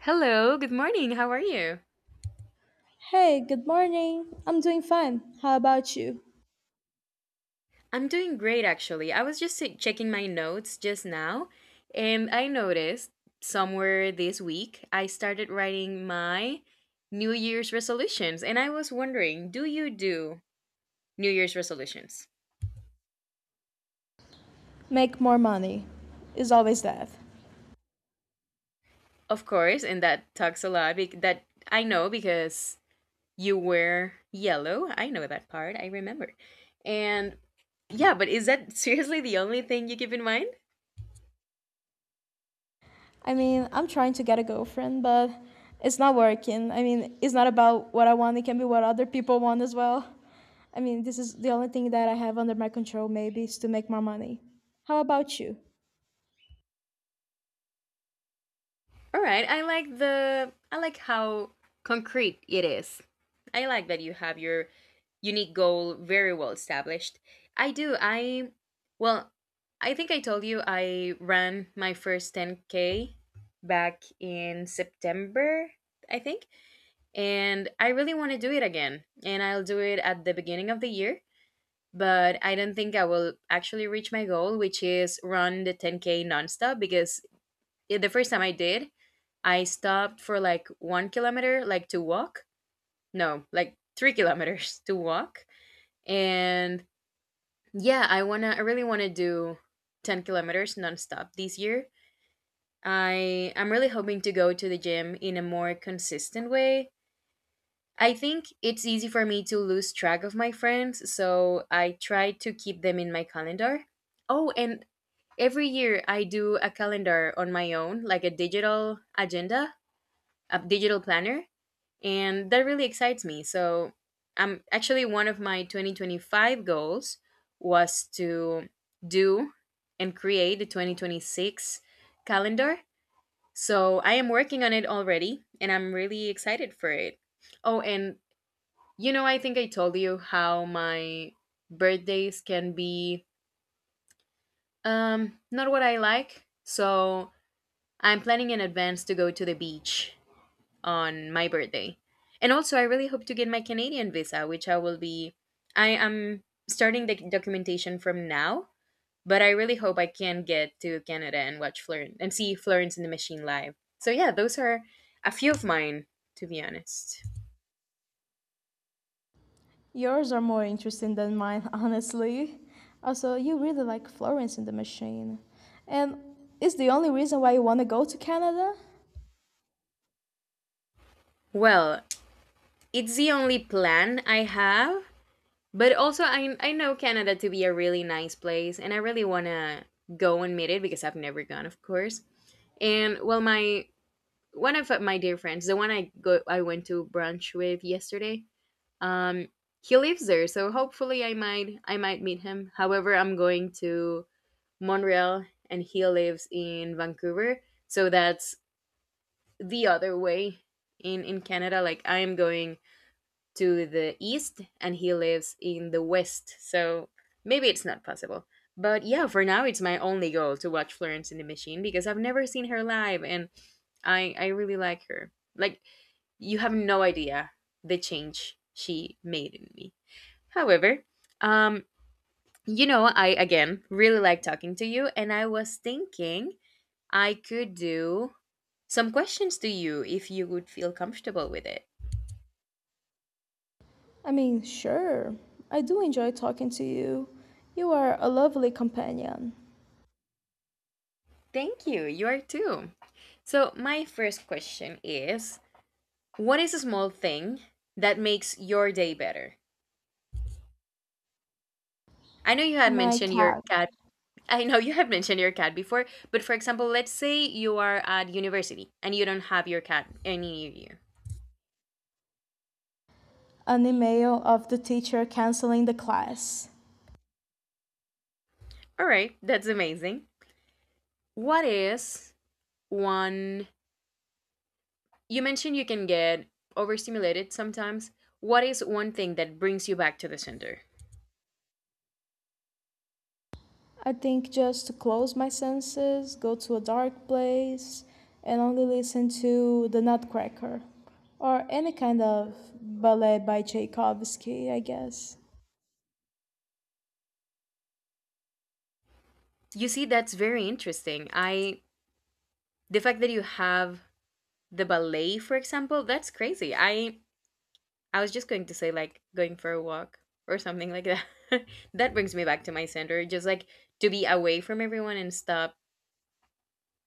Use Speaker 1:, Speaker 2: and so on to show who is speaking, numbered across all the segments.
Speaker 1: Hello, good morning. How are you?
Speaker 2: Hey, good morning. I'm doing fine. How about you?
Speaker 1: I'm doing great actually. I was just checking my notes just now and I noticed somewhere this week I started writing my New Year's resolutions and I was wondering, do you do New Year's resolutions?
Speaker 2: Make more money is always that.
Speaker 1: Of course, and that talks a lot that I know because you wear yellow. I know that part. I remember. And yeah, but is that seriously the only thing you keep in mind?
Speaker 2: I mean, I'm trying to get a girlfriend, but it's not working. I mean, it's not about what I want, it can be what other people want as well. I mean, this is the only thing that I have under my control, maybe, is to make more money. How about you?
Speaker 1: All right, I like how concrete it is. I like that you have your unique goal very well established. I do. Well, I think I told you I ran my first 10k back in September, I think, and I really want to do it again. And I'll do it at the beginning of the year, but I don't think I will actually reach my goal, which is run the 10k nonstop because the first time I did, I stopped for like 1 kilometer, like to walk. No, like 3 kilometers to walk. And yeah, I really wanna do 10 kilometers nonstop this year. I'm really hoping to go to the gym in a more consistent way. I think it's easy for me to lose track of my friends, so I try to keep them in my calendar. Oh, and every year I do a calendar on my own, like a digital planner, and that really excites me, so I'm actually one of my 2025 goals was to do and create the 2026 calendar, so I am working on it already and I'm really excited for it. Oh, and you know, I think I told you how my birthdays can be, not what I like, so I'm planning in advance to go to the beach on my birthday. And also, I really hope to get my Canadian visa, which I will be. I am starting the documentation from now, but I really hope I can get to Canada and watch Florence and see Florence and the Machine live. So, yeah, those are a few of mine, to be honest.
Speaker 2: Yours are more interesting than mine, honestly. Also, you really like Florence and the Machine. And is the only reason why you want to go to Canada?
Speaker 1: Well, it's the only plan I have, but also I know Canada to be a really nice place, and I really want to go and meet it because I've never gone, of course. And well, my dear friends, the one I went to brunch with yesterday. Um, he lives there, so hopefully I might meet him. However, I'm going to Montreal, and he lives in Vancouver, so that's the other way in Canada. Like I am going to the east, and he lives in the west, so maybe it's not possible. But yeah, for now it's my only goal to watch Florence in the Machine because I've never seen her live, and I really like her. Like you have no idea the change she made in me. However, um, you know, I again really like talking to you, and I was thinking I could do some questions to you if you would feel comfortable with it.
Speaker 2: I mean, sure, I do enjoy talking to you. You are a lovely companion.
Speaker 1: Thank you. You are too. So, my first question is: what is a small thing that makes your day better? I know you had
Speaker 2: My
Speaker 1: mentioned your
Speaker 2: cat.
Speaker 1: cat I know you have mentioned your cat before, but for example, let's say you are at university and you don't have your cat any near you.
Speaker 2: An email of the teacher canceling the class.
Speaker 1: All right, that's amazing. What is one? You mentioned you can get overstimulated sometimes. What is one thing that brings you back to the center?
Speaker 2: I think just to close my senses, go to a dark place, and only listen to The Nutcracker. Or any kind of ballet by Tchaikovsky, I guess.
Speaker 1: You see, that's very interesting. I the fact that you have the ballet, for example, that's crazy. I was just going to say like going for a walk or something like that. That brings me back to my center, just like to be away from everyone and stop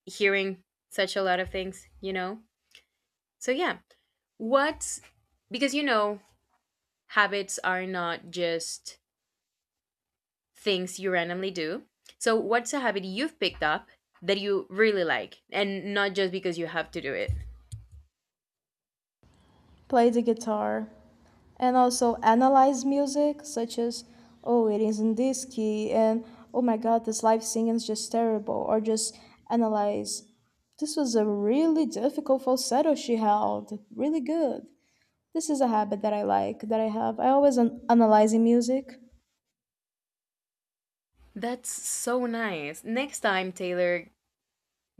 Speaker 1: hearing such a lot of things, you know? So yeah, what's because you know, habits are not just things you randomly do. So what's a habit you've picked up that you really like and not just because you have to do it?
Speaker 2: Play the guitar, and also analyze music, such as, oh, it is in this key, and oh my god, this live singing is just terrible, or just analyze. This was a really difficult falsetto she held, really good. This is a habit that I like, that I have. I always analyzing music,
Speaker 1: That's so nice. Next time, Taylor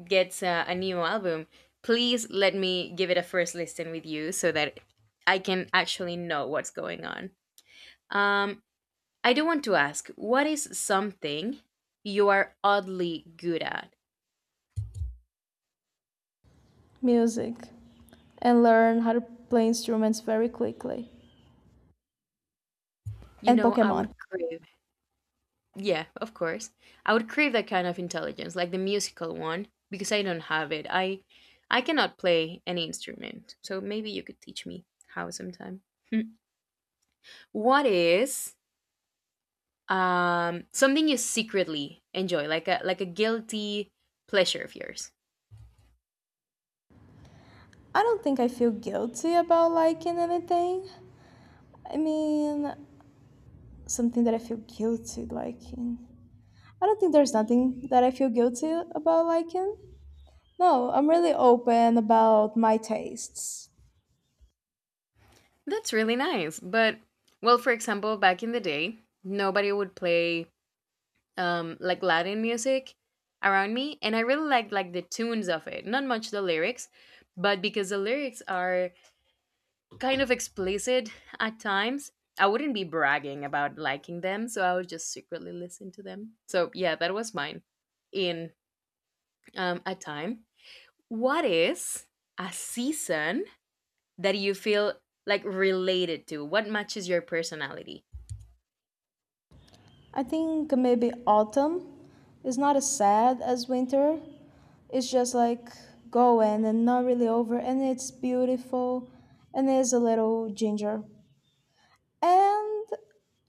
Speaker 1: gets a new album, please let me give it a first listen with you so that I can actually know what's going on. Um, I do want to ask, what is something you are oddly good at?
Speaker 2: music, and learn how to play instruments very quickly.
Speaker 1: You
Speaker 2: And
Speaker 1: know, I would
Speaker 2: Pokemon.
Speaker 1: crave. Yeah, of course. I would crave that kind of intelligence, like the musical one, because I don't have it. I cannot play any instrument. So maybe you could teach me how sometime. What is something you secretly enjoy, like a guilty pleasure of yours?
Speaker 2: I don't think I feel guilty about liking anything. I mean, something that I feel guilty liking. I don't think there's nothing that I feel guilty about liking. No, I'm really open about my tastes.
Speaker 1: That's really nice, but well, for example, back in the day nobody would play like Latin music around me, and I really liked like the tunes of it, not much the lyrics, but because the lyrics are kind of explicit at times, I wouldn't be bragging about liking them, so I would just secretly listen to them. So yeah, that was mine. In a time What is a season that you feel like related to? What matches your personality?
Speaker 2: I think maybe autumn is not as sad as winter. It's just like going and not really over, and it's beautiful and there's a little ginger. And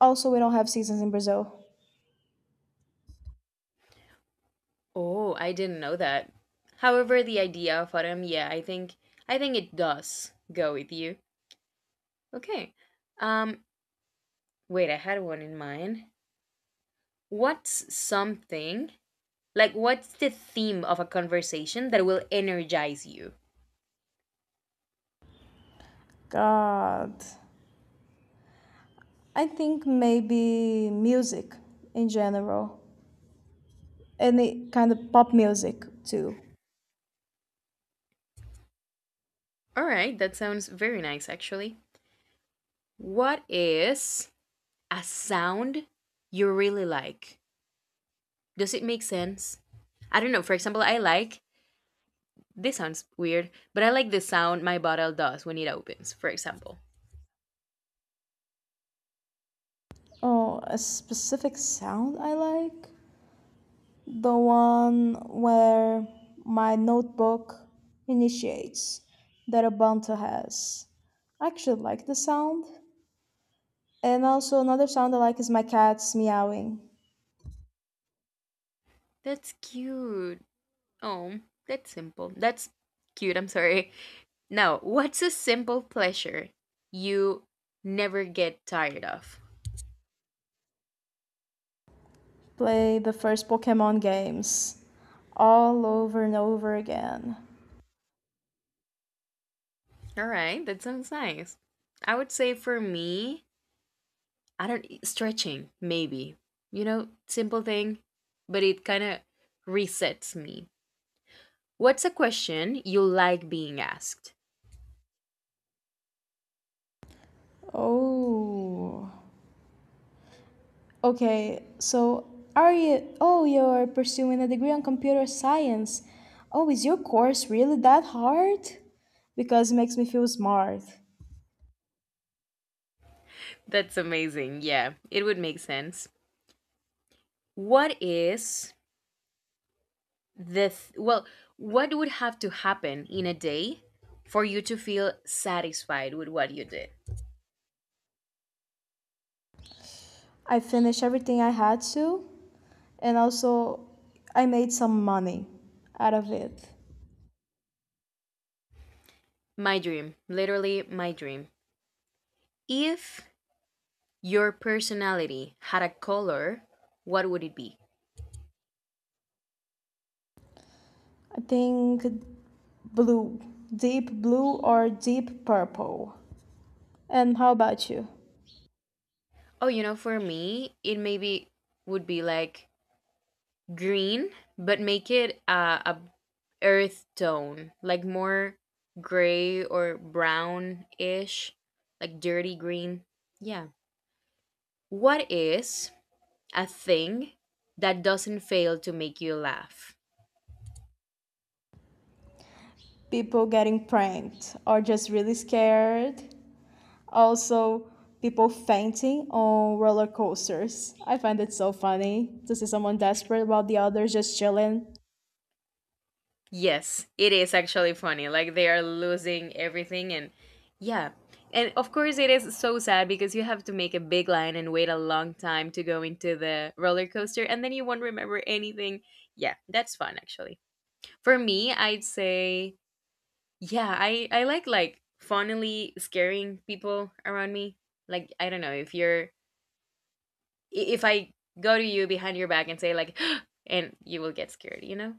Speaker 2: also, we don't have seasons in Brazil.
Speaker 1: Oh, I didn't know that. However, the idea of autumn, yeah, I think it does go with you. Okay. Um wait, I had one in mind. What's something, what's the theme of a conversation that will energize you?
Speaker 2: God. I think maybe music in general. Any kind of pop music too.
Speaker 1: All right, that sounds very nice actually. What is a sound you really like? Does it make sense? I don't know. For example, I like, this sounds weird, but I like the sound my bottle does when it opens, for example.
Speaker 2: Oh, a specific sound I like? The one where my notebook initiates that Ubuntu has. I actually like the sound. And also another sound I like is my cats meowing.
Speaker 1: That's cute. Oh, that's simple. That's cute. I'm sorry. Now, what's a simple pleasure you never get tired of?
Speaker 2: Play the first Pokemon games all over and over again.
Speaker 1: All right, that sounds nice. I would say for me, I don't stretching maybe. You know, simple thing, but it kind of resets me. What's a question you like being asked?
Speaker 2: Oh. Okay, so are you? Oh, you're pursuing a degree on computer science. Oh, is your course really that hard? Because it makes me feel smart.
Speaker 1: That's amazing. Yeah, it would make sense. What is the th- well, what would have to happen in a day for you to feel satisfied with what you did?
Speaker 2: I finished everything I had to, and also I made some money out of it.
Speaker 1: My dream, literally my dream. If your personality had a color, what would it be?
Speaker 2: I think blue, deep blue or deep purple. And how about you?
Speaker 1: Oh, you know, for me, it maybe would be like green, but make it a earth tone, like more gray or brown ish, like dirty green. Yeah. What is a thing that doesn't fail to make you laugh?
Speaker 2: People getting pranked or just really scared? Also, people fainting on roller coasters. I find it so funny to see someone desperate while the others just chilling.
Speaker 1: Yes, it is actually funny. Like they are losing everything, and yeah. And of course it is so sad because you have to make a big line and wait a long time to go into the roller coaster and then you won't remember anything. Yeah, that's fun actually. For me, I'd say, yeah, I like funnily scaring people around me. Like I don't know if if I go to you behind your back and say like and you will get scared, you know?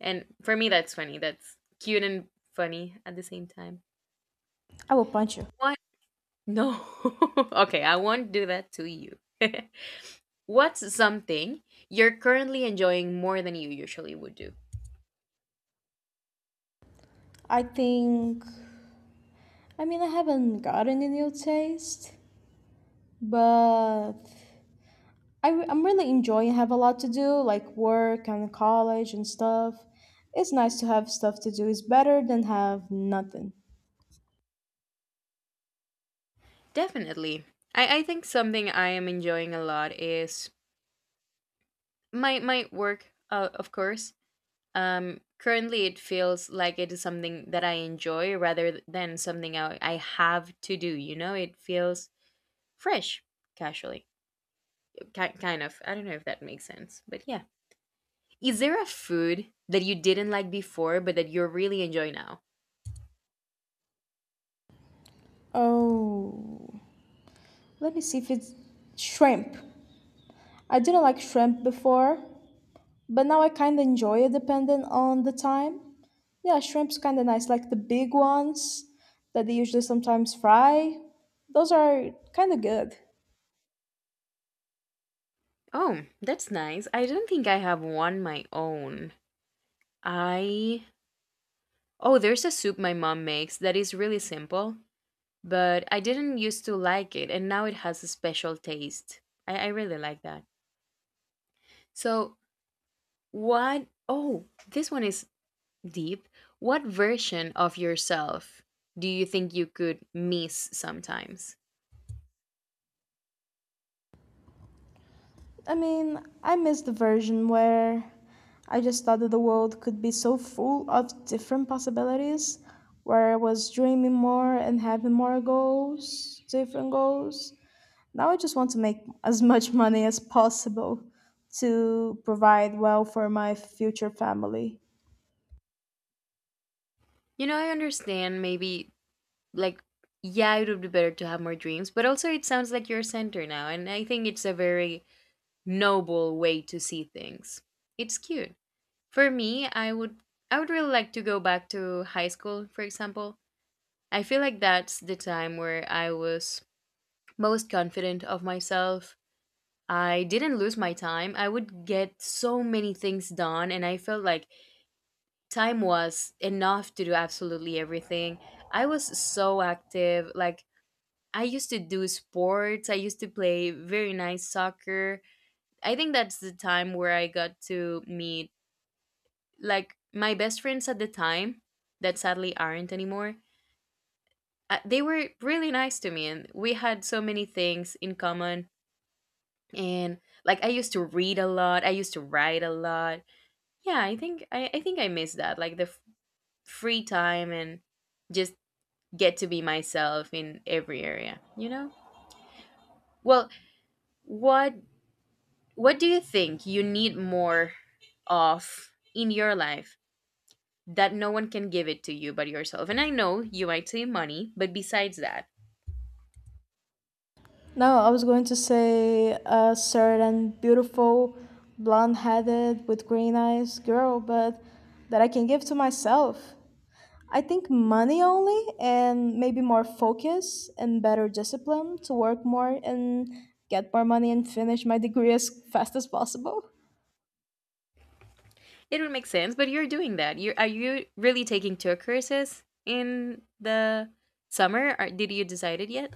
Speaker 1: And for me that's funny. That's cute and funny at the same time.
Speaker 2: I will punch you.
Speaker 1: What? No. Okay, I won't do that to you. What's something you're currently enjoying more than you usually would do?
Speaker 2: I think. I mean, I haven't gotten a new taste, but I am really enjoying. Have a lot to do, like work and college and stuff. It's nice to have stuff to do. It's better than have nothing.
Speaker 1: Definitely. I think something I am enjoying a lot is my work, of course. Currently, it feels like it is something that I enjoy rather than something I have to do. You know, it feels fresh, casually, kind of. I don't know if that makes sense, but yeah. Is there a food that you didn't like before but that you really enjoy now?
Speaker 2: Oh, let me see if it's shrimp. I didn't like shrimp before, but now I kind of enjoy it depending on the time. Yeah, shrimp's kind of nice, like the big ones that they usually sometimes fry. Those are kind of good.
Speaker 1: Oh, that's nice. I don't think I have one my own. I oh, there's a soup my mom makes that is really simple, but I didn't used to like it, and now it has a special taste. I really like that. So, what? Oh, this one is deep. What version of yourself do you think you could miss sometimes?
Speaker 2: I mean, I miss the version where I just thought that the world could be so full of different possibilities, where I was dreaming more and having more goals, different goals. Now I just want to make as much money as possible to provide well for my future family.
Speaker 1: You know, I understand maybe, like, yeah, it would be better to have more dreams, but also it sounds like you're a center now, and I think it's a very noble way to see things. It's cute. For me, I would really like to go back to high school, for example. I feel like that's the time where I was most confident of myself. I didn't lose my time. I would get so many things done, and I felt like time was enough to do absolutely everything. I was so active. Like, I used to do sports, I used to play very nice soccer. I think that's the time where I got to meet, like, my best friends at the time that sadly aren't anymore. They were really nice to me, and we had so many things in common. And like I used to read a lot, I used to write a lot. Yeah, I think I think I miss that, like the free time and just get to be myself in every area, you know? Well, what what do you think you need more of in your life that no one can give it to you but yourself? And I know you might say money, but besides that,
Speaker 2: No, I was going to say a certain beautiful, blonde headed, with green eyes girl, but that I can give to myself. I think money only, and maybe more focus and better discipline to work more and get more money and finish my degree as fast as possible.
Speaker 1: it would make sense, but you're doing that. You really taking two courses in the summer? Or did you decide it yet?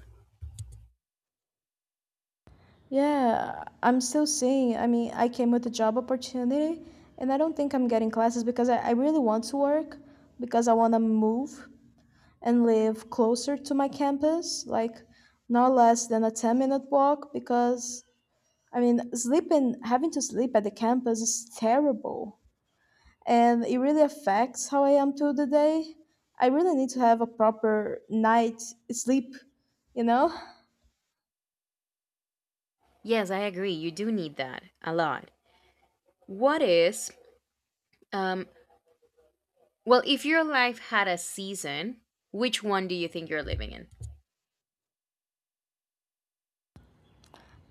Speaker 2: Yeah, I'm still seeing. I mean, I came with a job opportunity, and I don't think I'm getting classes because I really want to work because I want to move and live closer to my campus, like not less than a 10-minute walk, because I mean, sleeping, having to sleep at the campus is terrible. And it really affects how I am through the day. I really need to have a proper night sleep, you know?
Speaker 1: Yes, I agree. You do need that a lot. What is Um, well, if your life had a season, which one do you think you're living in?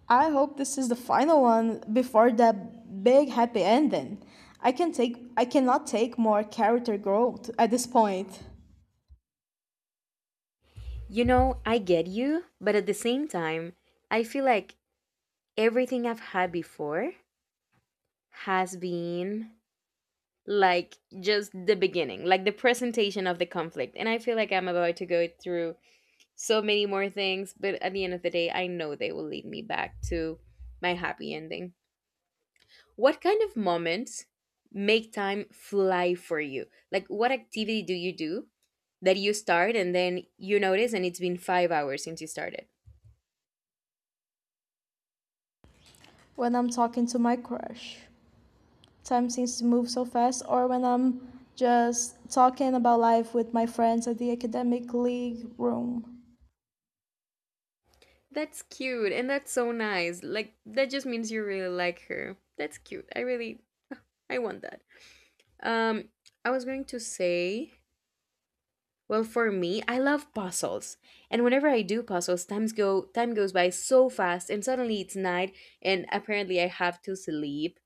Speaker 2: I hope this is the final one before that big happy ending. I can take I cannot take more character growth at this point
Speaker 1: You know, I get you, but at the same time, I feel like everything I've had before has been like just the beginning, like the presentation of the conflict. And I feel like I'm about to go through so many more things, but at the end of the day, I know they will lead me back to my happy ending. What kind of moments make time fly for you? Like, what activity do you do that you start and then you notice and it's been 5 hours since you started?
Speaker 2: when I'm talking to my crush. Time seems to move so fast, or when I'm just talking about life with my friends at the academic league room.
Speaker 1: That's cute and that's so nice. Like, that just means you really like her. That's cute. I really, I want that. Um, I was going to say, well, for me, I love puzzles, and whenever I do puzzles, time goes by so fast, and suddenly it's night, and apparently I have to sleep.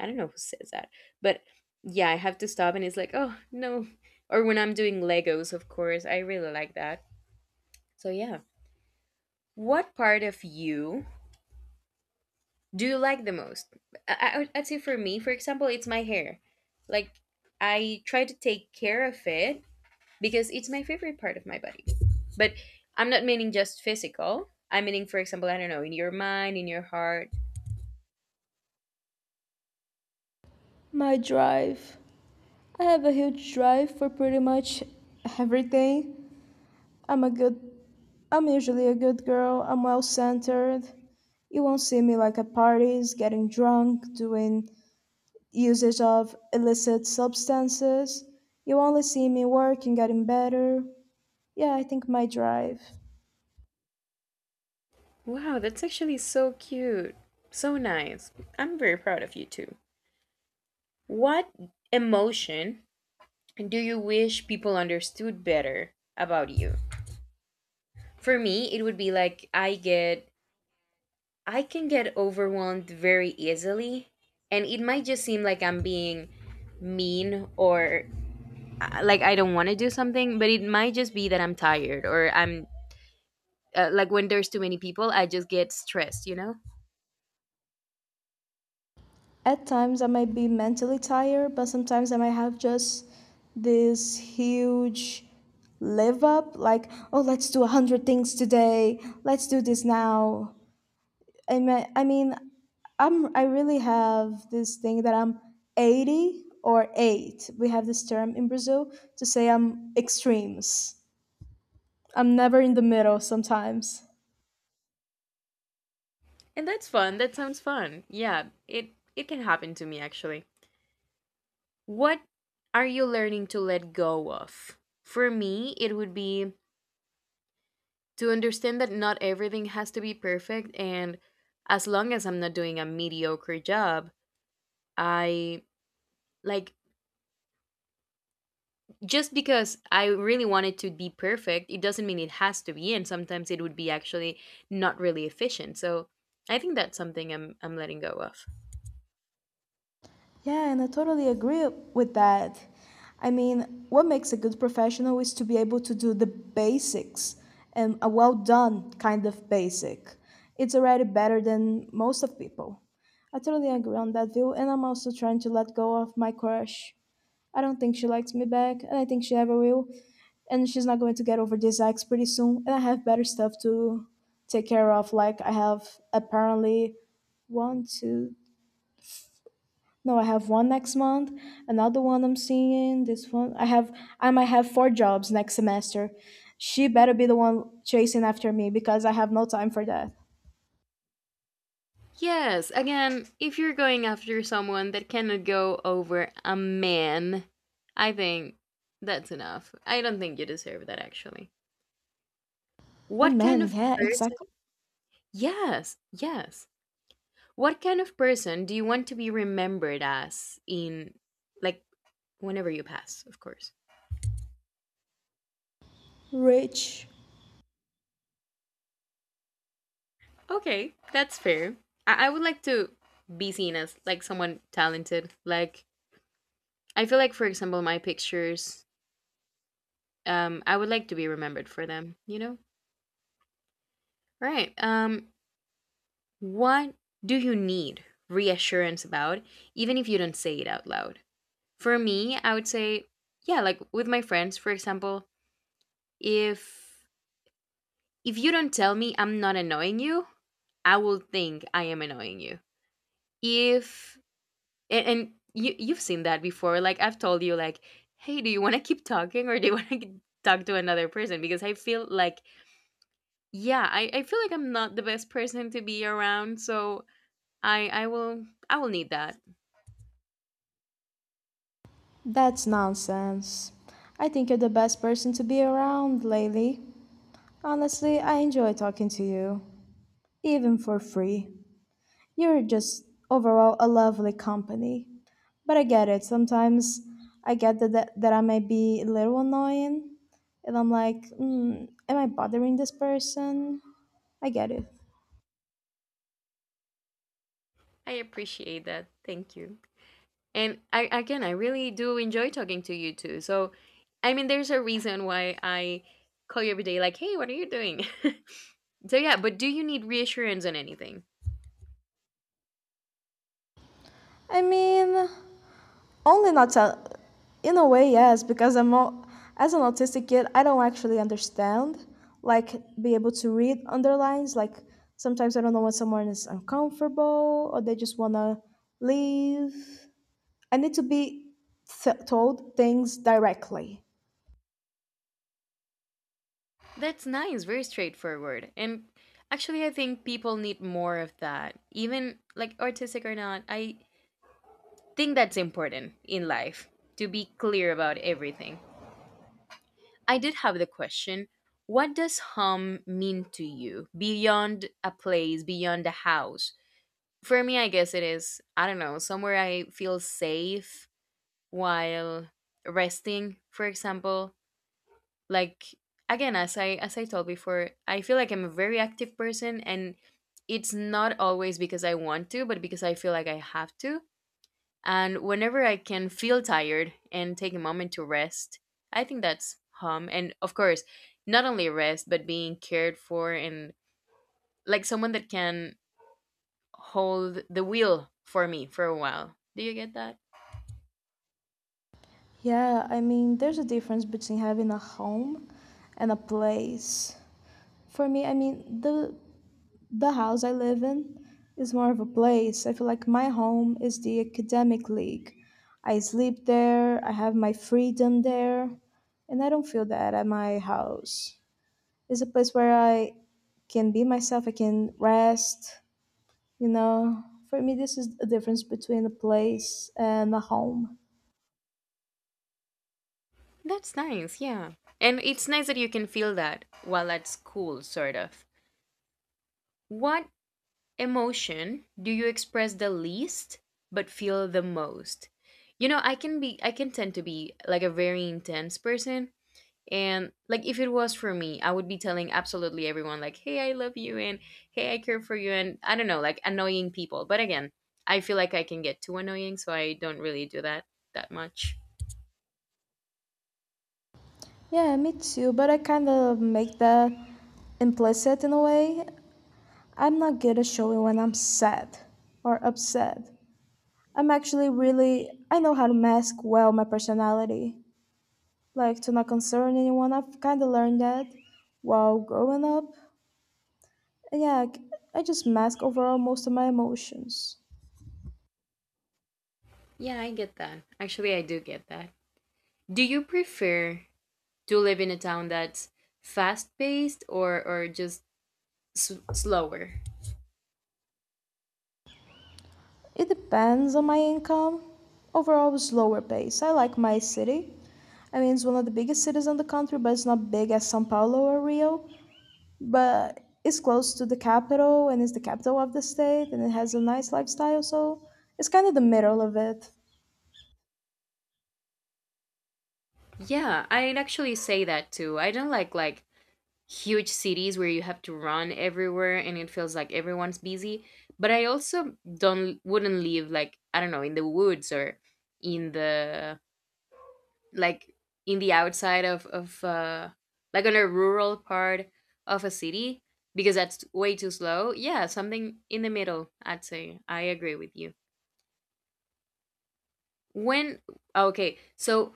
Speaker 1: I don't know who says that, but yeah, I have to stop, and it's like, oh no. Or when I'm doing Legos, of course, I really like that. So yeah, what part of you do you like the most? I'd say for me, for example, it's my hair. Like I try to take care of it because it's my favorite part of my body. But I'm not meaning just physical. I'm meaning, for example, I don't know, in your mind, in your heart.
Speaker 2: My drive. I have a huge drive for pretty much everything. I'm a good I'm usually a good girl. I'm well centered. You won't see me like at parties, getting drunk, doing usage of illicit substances. You only see me working, getting better. Yeah, I think my drive.
Speaker 1: Wow, that's actually so cute. So nice. I'm very proud of you too. What emotion do you wish people understood better about you? For me, it would be like I can get overwhelmed very easily and it might just seem like I'm being mean or like I don't want to do something, but it might just be that I'm tired or I'm like when there's too many people, I just get stressed, you know?
Speaker 2: At times I might be mentally tired, but sometimes I might have just this huge live up like, oh, let's do a hundred things today. Let's do this now. I mean, I really have this thing that I'm 80 or 8. We have this term in Brazil to say I'm extremes. I'm never in the middle sometimes.
Speaker 1: And that's fun. That sounds fun. Yeah, it can happen to me actually. What are you learning to let go of? For me, it would be to understand that not everything has to be perfect and as long as I'm not doing a mediocre job, I like just because I really want it to be perfect, it doesn't mean it has to be and sometimes it would be actually not really efficient. So, I think that's something I'm letting go of.
Speaker 2: Yeah, and I totally agree with that. I mean, what makes a good professional is to be able to do the basics and a well done kind of basic. It's already better than most of people. I totally agree on that view, and I'm also trying to let go of my crush. I don't think she likes me back, and I think she ever will. And she's not going to get over this ex pretty soon, and I have better stuff to take care of. Like, I have apparently one, two, no, I have one next month, another one I'm seeing, this one I have I might have four jobs next semester. She better be the one chasing after me because I have no time for that.
Speaker 1: Yes, again, if you're going after someone that cannot go over a man, I think that's enough. I don't think you deserve that actually.
Speaker 2: A
Speaker 1: What kind
Speaker 2: man,
Speaker 1: of
Speaker 2: yeah, exactly.
Speaker 1: person? Yes, yes. What kind of person do you want to be remembered as, in, like, whenever you pass, of course?
Speaker 2: Rich.
Speaker 1: Okay, that's fair. I would like to be seen as, like, someone talented. Like, I feel like, for example, my pictures, I would like to be remembered for them, you know? Right. What do you need reassurance about, even if you don't say it out loud? For me, I would say, yeah, like with my friends, for example, if if you don't tell me I'm not annoying you, I will think I am annoying you. If and you've seen that before, like I've told you, like, hey, do you want to keep talking or do you want to talk to another person? Because I feel like, yeah, I feel like I'm not the best person to be around, so I will need that.
Speaker 2: That's nonsense. I think you're the best person to be around lately. Honestly, I enjoy talking to you, even for free. You're just overall a lovely company. But I get it. Sometimes I get that I may be a little annoying. And I'm like, mm, am I bothering this person? I get it.
Speaker 1: I appreciate that. Thank you. And I again I really do enjoy talking to you too. So I mean there's a reason why I call you every day, like, "Hey, what are you doing?" So yeah, but do you need reassurance on anything?
Speaker 2: I mean, only not tell. In a way, yes, because I'm all, as an autistic kid, I don't actually understand, like be able to read underlines. Like sometimes I don't know when someone is uncomfortable or they just wanna leave. I need to be told things directly.
Speaker 1: That's nice, very straightforward. And actually I think people need more of that. Even like artistic or not, I think that's important in life to be clear about everything. I did have the question. What does home mean to you beyond a place, beyond a house? For me, I guess it is, I don't know, somewhere I feel safe while resting, for example. Like again, as I told before, I feel like I'm a very active person and it's not always because I want to, but because I feel like I have to. And whenever I can feel tired and take a moment to rest, I think that's home. And of course, not only rest, but being cared for and like someone that can hold the wheel for me for a while. Do you get that?
Speaker 2: Yeah, I mean, there's a difference between having a home and a place. For me, I mean, the house I live in is more of a place. I feel like my home is the academic league. I sleep there, I have my freedom there, and I don't feel that at my house. It's a place where I can be myself, I can rest, you know, for me, this is the difference between a place and a home.
Speaker 1: That's nice, yeah. And it's nice that you can feel that while at school, sort of. What emotion do you express the least but feel the most? You know, I can tend to be like a very intense person, and like if it was for me, I would be telling absolutely everyone, like, hey, I love you, and hey, I care for you, and I don't know, like annoying people, but again, I feel like I can get too annoying, so I don't really do that much.
Speaker 2: Yeah, me too, but I kind of make that implicit in a way. I'm not good at showing when I'm sad or upset. I'm actually really, I know how to mask well my personality, like to not concern anyone. I've kind of learned that while growing up. And yeah, I just mask overall most of my emotions.
Speaker 1: Yeah, I get that, actually, I do get that. Do you prefer to live in a town that's fast paced or just slower?
Speaker 2: It depends on my income. Overall, it's slower pace. I like my city. I mean, it's one of the biggest cities in the country, but it's not big as São Paulo or Rio. But it's close to the capital and it's the capital of the state and it has a nice lifestyle, so it's kind of the middle of it.
Speaker 1: Yeah, I'd actually say that too. I don't like, huge cities where you have to run everywhere and it feels like everyone's busy, but I also don't wouldn't live, like, I don't know, in the woods or in the like in the outside of like on a rural part of a city, because that's way too slow. Yeah, something in the middle, I'd say I agree with you. When okay so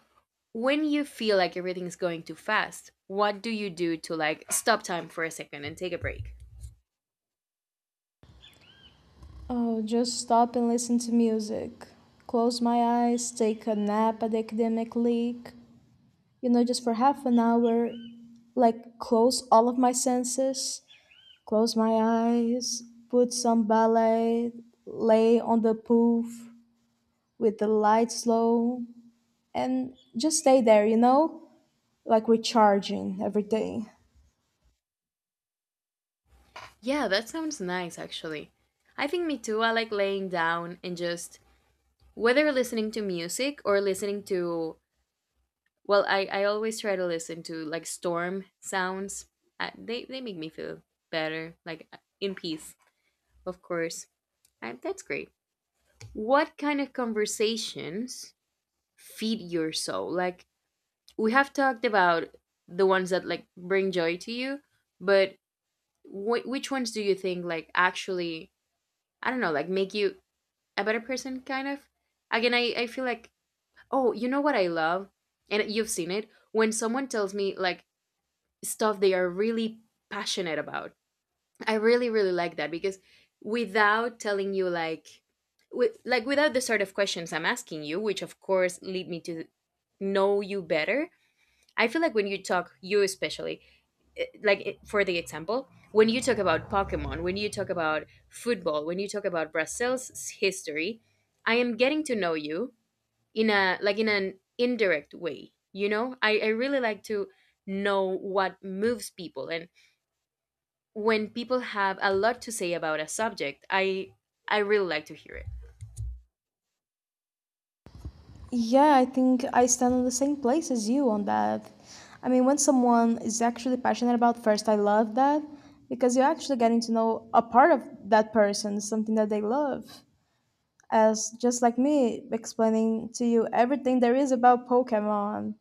Speaker 1: when you feel like everything's going too fast, what do you do to like stop time for a second and take a break?
Speaker 2: Oh, just stop and listen to music. Close my eyes, take a nap at the academic league. You know, just for half an hour, like close all of my senses. Close my eyes, put some ballet, lay on the poof with the lights low, and just stay there, you know? Like recharging every day.
Speaker 1: Yeah, that sounds nice actually. I think me too. I like laying down and just whether listening to music or listening to well, I always try to listen to like storm sounds. They make me feel better, like in peace, of course. That's great. What kind of conversations feed your soul? Like we have talked about the ones that like bring joy to you, but which ones do you think like actually I don't know, like make you a better person kind of again I feel like oh you know what I love, and you've seen it, when someone tells me like stuff they are really passionate about, I really really like that because without telling you, like like without the sort of questions I'm asking you which of course lead me to know you better, I feel like when you talk you especially for the example when you talk about Pokemon, when you talk about football, when you talk about Brazil's history, I am getting to know you in a in an indirect way, you know? I really like to know what moves people, and when people have a lot to say about a subject, I really like to hear it.
Speaker 2: Yeah, I think I stand on the same place as you on that. I mean, when someone is actually passionate about first, I love that because you're actually getting to know a part of that person, something that they love. As just like me explaining to you everything there is about Pokemon.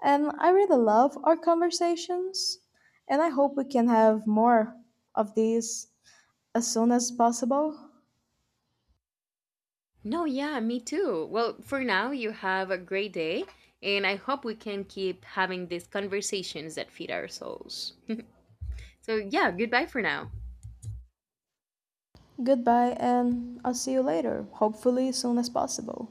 Speaker 2: And I really love our conversations, and I hope we can have more of these as soon as possible.
Speaker 1: No, yeah, me too. Well, for now, you have a great day, and I hope we can keep having these conversations that feed our souls. So yeah, goodbye for now.
Speaker 2: Goodbye, and I'll see you later, hopefully, as soon as possible.